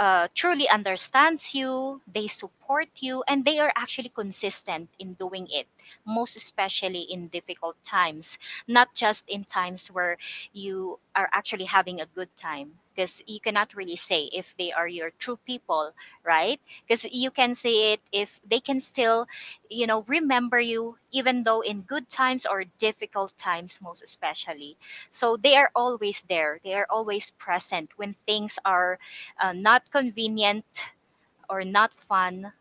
truly understands you, they support you, and they are actually consistent in doing it, most especially in difficult times, not just in times where you are actually having a good time. Because you cannot really say if they are your true people, right? Because you can say it if they can still, you know, remember you, even though in good times or difficult times, most especially. So they are always there. They are always present when things are not convenient or not fun,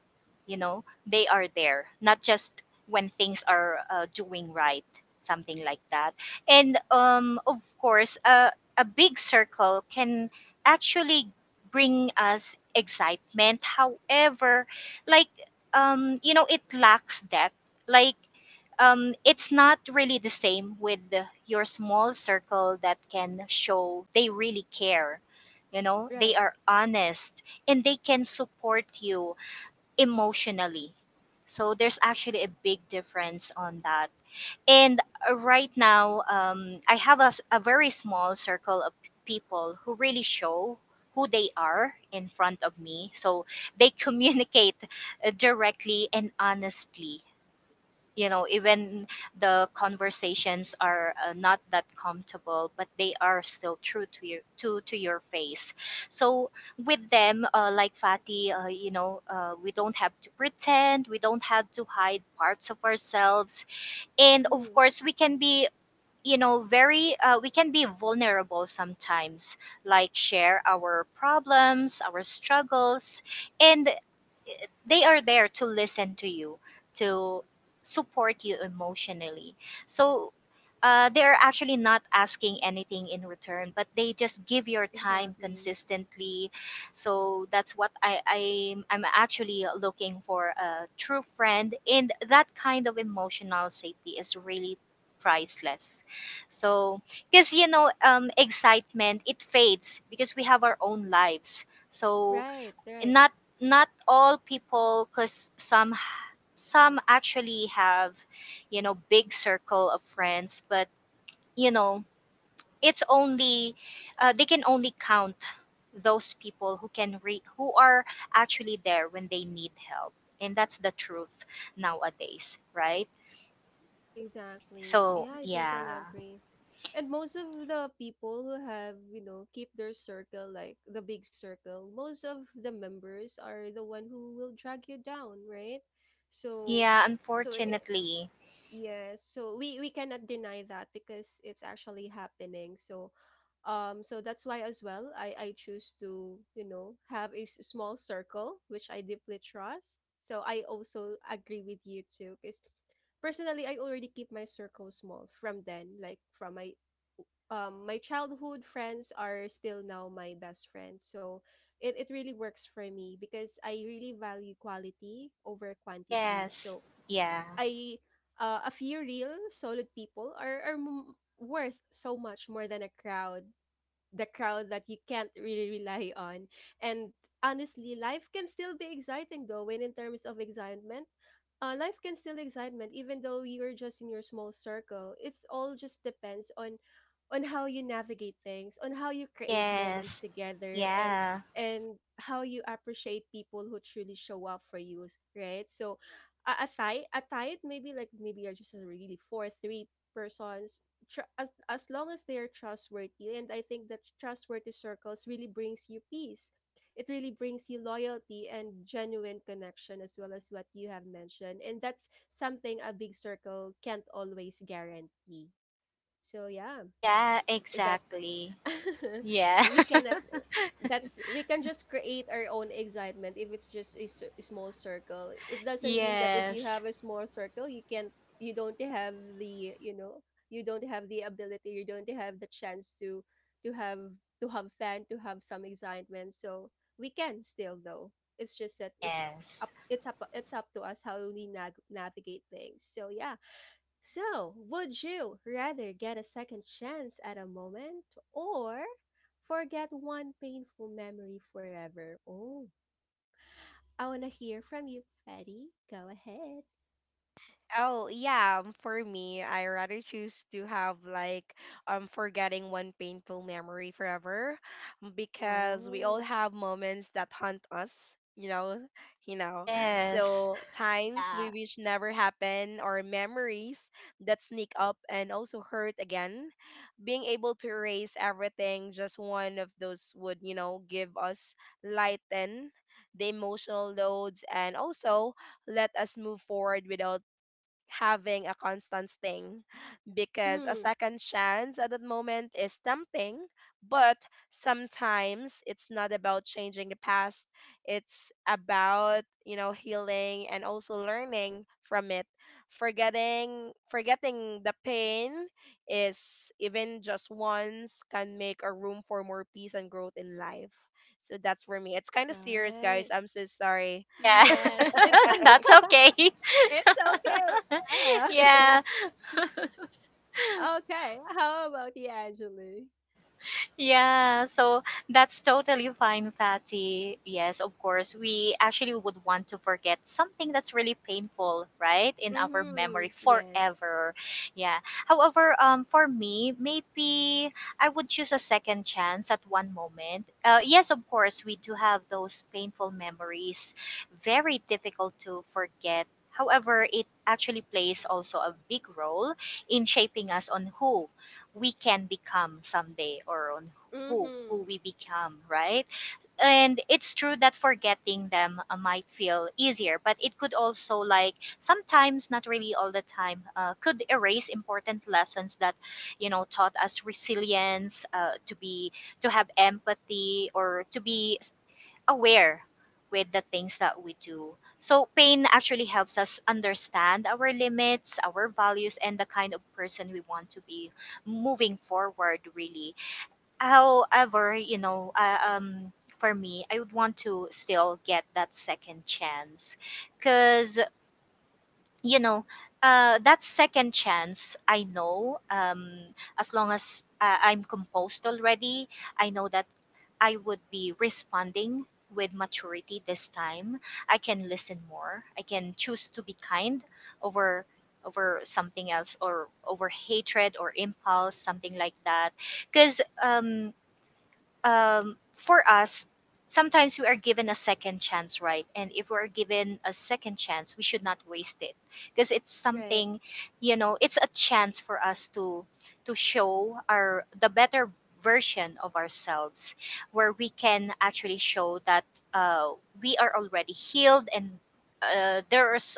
you know, they are there, not just when things are doing right, something like that. And of course, a big circle can actually bring us excitement. However, like, you know, it lacks depth. Like, it's not really the same with your small circle that can show they really care. You know, they Right. are honest and they can support you emotionally. So there's actually a big difference on that. And right now, I have a, a very small circle of people who really show who they are in front of me. So they communicate directly and honestly, you know, even the conversations are not that comfortable, but they are still true to your face. So with them, like Fati, you know, we don't have to pretend, we don't have to hide parts of ourselves, and of Mm-hmm. course we can be, you know, very we can be vulnerable sometimes, like share our problems, our struggles, and they are there to listen to you, to support you emotionally. So they are actually not asking anything in return, but they just give your time Exactly. consistently. So that's what I I'm actually looking for, a true friend, and that kind of emotional safety is really priceless. So because you know, excitement, it fades, because we have our own lives. So Right. and Right. not not all people, because some actually have, you know, big circle of friends, but you know, it's only they can only count those people who can who are actually there when they need help, and that's the truth nowadays, right? Exactly. So Yeah, I totally yeah. agree. And most of the people who have, you know, keep their circle like the big circle, most of the members are the one who will drag you down, right? So, Yeah, so i- unfortunately. Yes, so we cannot deny that because it's actually happening. So, so that's why as well I choose to you know have a s- small circle which I deeply trust. So I also agree with you too, because personally I already keep my circle small from then, like from my my childhood friends are still now my best friends. So it really works for me because I really value quality over quantity. Yes. So Yeah. I a few real solid people are worth so much more than a crowd, the crowd that you can't really rely on. And honestly, life can still be exciting though, when in terms of excitement, life can still excitement even though you're just in your small circle. It's all just depends on how you navigate things, on how you create moments Yes. together and Yeah. How you appreciate people who truly show up for you, right? So a tie maybe like maybe you're just a really four three persons as long as they are trustworthy. And I think that trustworthy circles really brings you peace. It really brings you loyalty and genuine connection as well as what you have mentioned, and that's something a big circle can't always guarantee. So yeah, Yeah, that exactly. Yeah. we cannot. That's, we can just create our own excitement. If it's just a small circle, it doesn't mean that if you have Yes. a small circle you can't, you don't have the you don't have the ability, you don't have the chance to have to have fun, to have some excitement. So we can still though. It's just that Yes. It's up to us how we navigate things. So yeah. So, would you rather get a second chance at a moment, or forget one painful memory forever? Oh, I want to hear from you, Freddy. Go ahead. Oh, yeah, for me, I rather choose to have like forgetting one painful memory forever, because we all Oh, have moments that haunt us, you know, you know Yes. so times we yeah. wish never happen, or memories that sneak up and also hurt again. Being able to erase everything, just one of those would, give us, lighten the emotional loads, and also let us move forward without having a constant thing, because a Mm-hmm. second chance at that moment is tempting, but sometimes it's not about changing the past, it's about, you know, healing and also learning from it. Forgetting the pain, is even just once, can make a room for more peace and growth in life. So that's for me. It's kind of serious, guys, Right. I'm so sorry. Yeah. Yes, it's That's okay. it's okay. Yeah. yeah. Okay. How about you, Angeli? Yeah, so that's totally fine, Patty. Yes, of course, we actually would want to forget something that's really painful, right, in our Mm-hmm. memory Yes. forever. Yeah. However, for me, maybe I would choose a second chance at one moment. Yes, of course, we do have those painful memories, very difficult to forget. However, it actually plays also a big role in shaping us on who we can become someday, or on Mm-hmm. who we become, right? And it's true that forgetting them might feel easier, but it could also, like sometimes, not really all the time, could erase important lessons that, you know, taught us resilience, to be, to have empathy, or to be aware with the things that we do. So pain actually helps us understand our limits, our values, and the kind of person we want to be moving forward. Really, however, you know, for me, I would want to still get that second chance, because you know, that second chance, I know, as long as I'm composed already, I know that I would be responding with maturity this time. I can listen more. I can choose to be kind over something else, or over hatred or impulse, something like that. Because for us, sometimes we are given a second chance, right? And if we're given a second chance, we should not waste it, because it's Right. something, you know, it's a chance for us to show our the better version of ourselves, where we can actually show that uh, we are already healed, and there's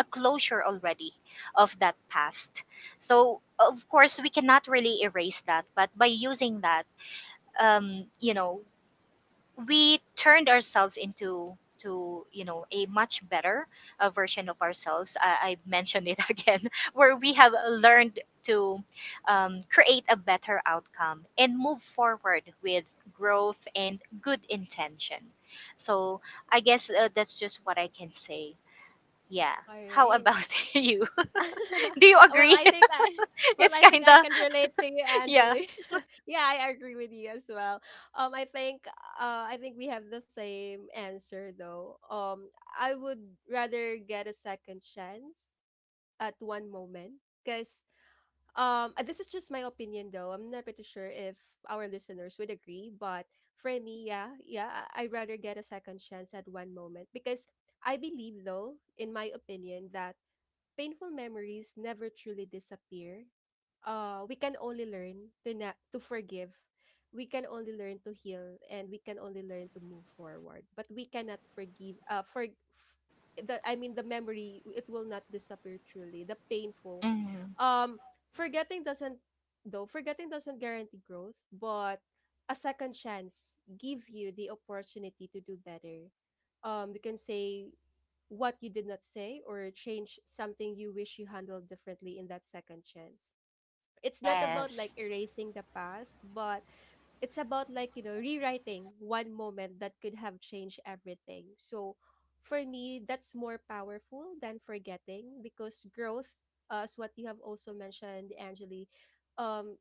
a closure already of that past. So of course we cannot really erase that, but by using that, you know, we turned ourselves into to, you know, a much better version of ourselves, I mentioned it again, where we have learned to create a better outcome and move forward with growth and good intention. So I guess that's just what I can say. Yeah, All how right. about you? Do you Well, agree? I think I well, It's I think kind I of, can relate to you, yeah. Angeli. Yeah, I agree with you as well. Um, I think I think we have the same answer though. I would rather get a second chance at one moment because this is just my opinion though. I'm not pretty sure if our listeners would agree, but for me, yeah, yeah, I'd rather get a second chance at one moment because I believe though, in my opinion, that painful memories never truly disappear. We can only learn to to forgive. We can only learn to heal, and we can only learn to move forward. But we cannot forgive. For f- the I mean the memory, it will not disappear truly. The painful. Mhm. Um, forgetting doesn't though. Forgetting doesn't guarantee growth, but a second chance give you the opportunity to do better. You can say what you did not say, or change something you wish you handled differently in that second chance. It's not about like Yes. erasing the past, but it's about, like, you know, rewriting one moment that could have changed everything. So for me, that's more powerful than forgetting because growth, as what you have also mentioned, Angeli, um,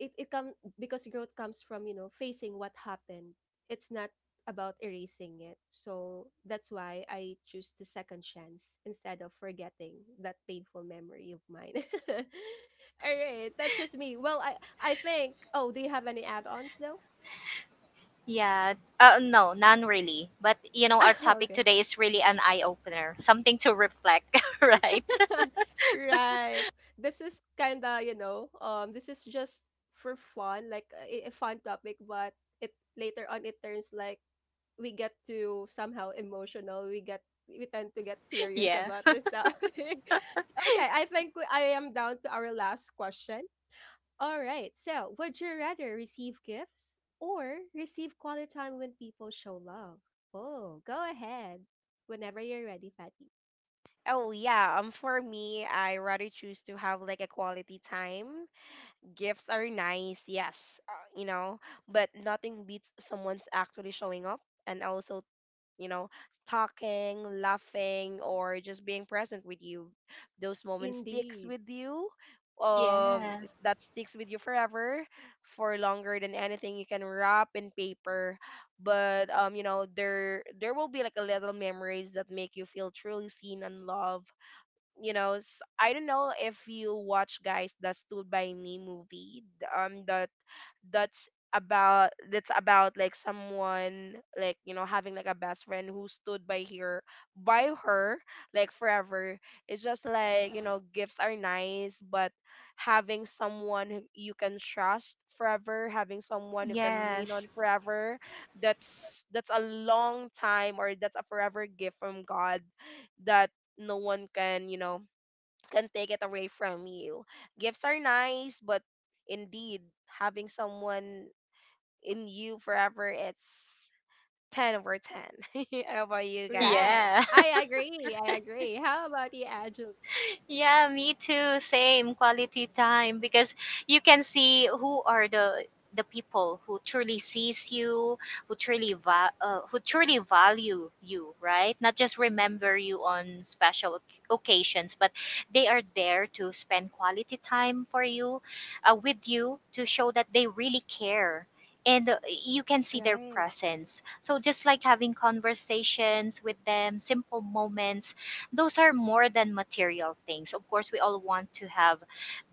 it, it come because growth comes from, you know, facing what happened. It's not about erasing it. So that's why I choose the second chance instead of forgetting that painful memory of mine. All right, that's just me. Well, I think. Oh, do you have any add-ons though? Yeah. No, none really. But you know, our topic Okay, today is really an eye opener, something to reflect, right? right. This is kinda, you know, this is just for fun, like a fun topic, but it later on it turns like we get to somehow emotional. We tend to get serious yeah. about this topic. Okay, I think I am down to our last question. All right. So, would you rather receive gifts, or receive quality time when people show love? Oh, go ahead. Whenever you're ready, Fatty. Oh yeah, for me, I rather choose to have like a quality time. Gifts are nice, yes, you know, but nothing beats someone's actually showing up, and also, you know, talking, laughing, or just being present with you. Those moments sticks Indeed. with you. Yeah. That sticks with you forever, for longer than anything you can wrap in paper. But, there will be like a little memories that make you feel truly seen and loved. You know, I don't know if you watch, guys, the Stood by Me movie, that's about, like, someone, like, you know, having like a best friend who stood by her, by her like forever. It's just like, you know, gifts are nice, but having someone who you can trust forever, having someone you can lean on Yes. forever, that's a long time, or that's a forever gift from God that no one can, you know, can take it away from you. Gifts are nice, but indeed, having someone in you forever, it's 10 over 10. How about you guys? Right. Yeah. I agree. I agree. How about you, Angela? Yeah, me too. Same, quality time, because you can see who are the people who truly sees you, who truly who truly value you, right? Not just remember you on special occasions, but they are there to spend quality time for you, with you, to show that they really care. And you can see their Right. presence. So just like having conversations with them, simple moments, those are more than material things. Of course, we all want to have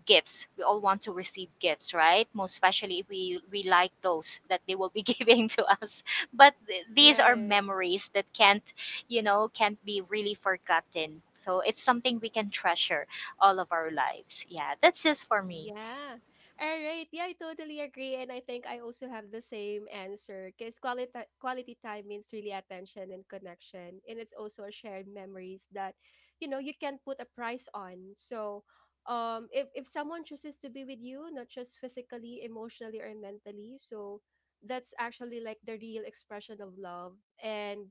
gifts. We all want to receive gifts, right? Most especially if we like those that they will be giving to us. But these are Right. memories that can't, you know, can't be really forgotten. So it's something we can treasure all of our lives. Yeah, that's just for me. Yeah. All right. Yeah, I totally agree. And I think I also have the same answer because quality time means really attention and connection. And it's also a shared memories that, you know, you can not put a price on. So if someone chooses to be with you, not just physically, emotionally, or mentally, so that's actually like the real expression of love. And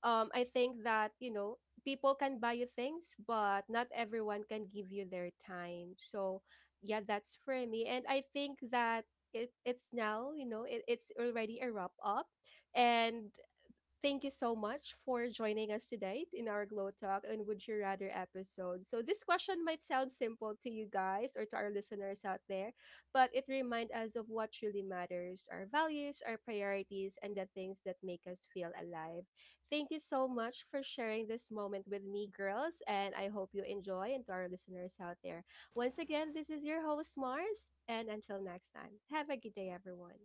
I think that, you know, people can buy you things but not everyone can give you their time. So yeah, that's for me. And I think that it's now, you know, it's already a wrap up. And thank you so much for joining us today in our Glow Talk and Would You Rather episode. So, this question might sound simple to you guys or to our listeners out there, but it reminds us of what truly matters: our values, our priorities, and the things that make us feel alive. Thank you so much for sharing this moment with me, girls, and I hope you enjoy. And to our listeners out there, once again, this is your host, Mars, and until next time, have a good day, everyone.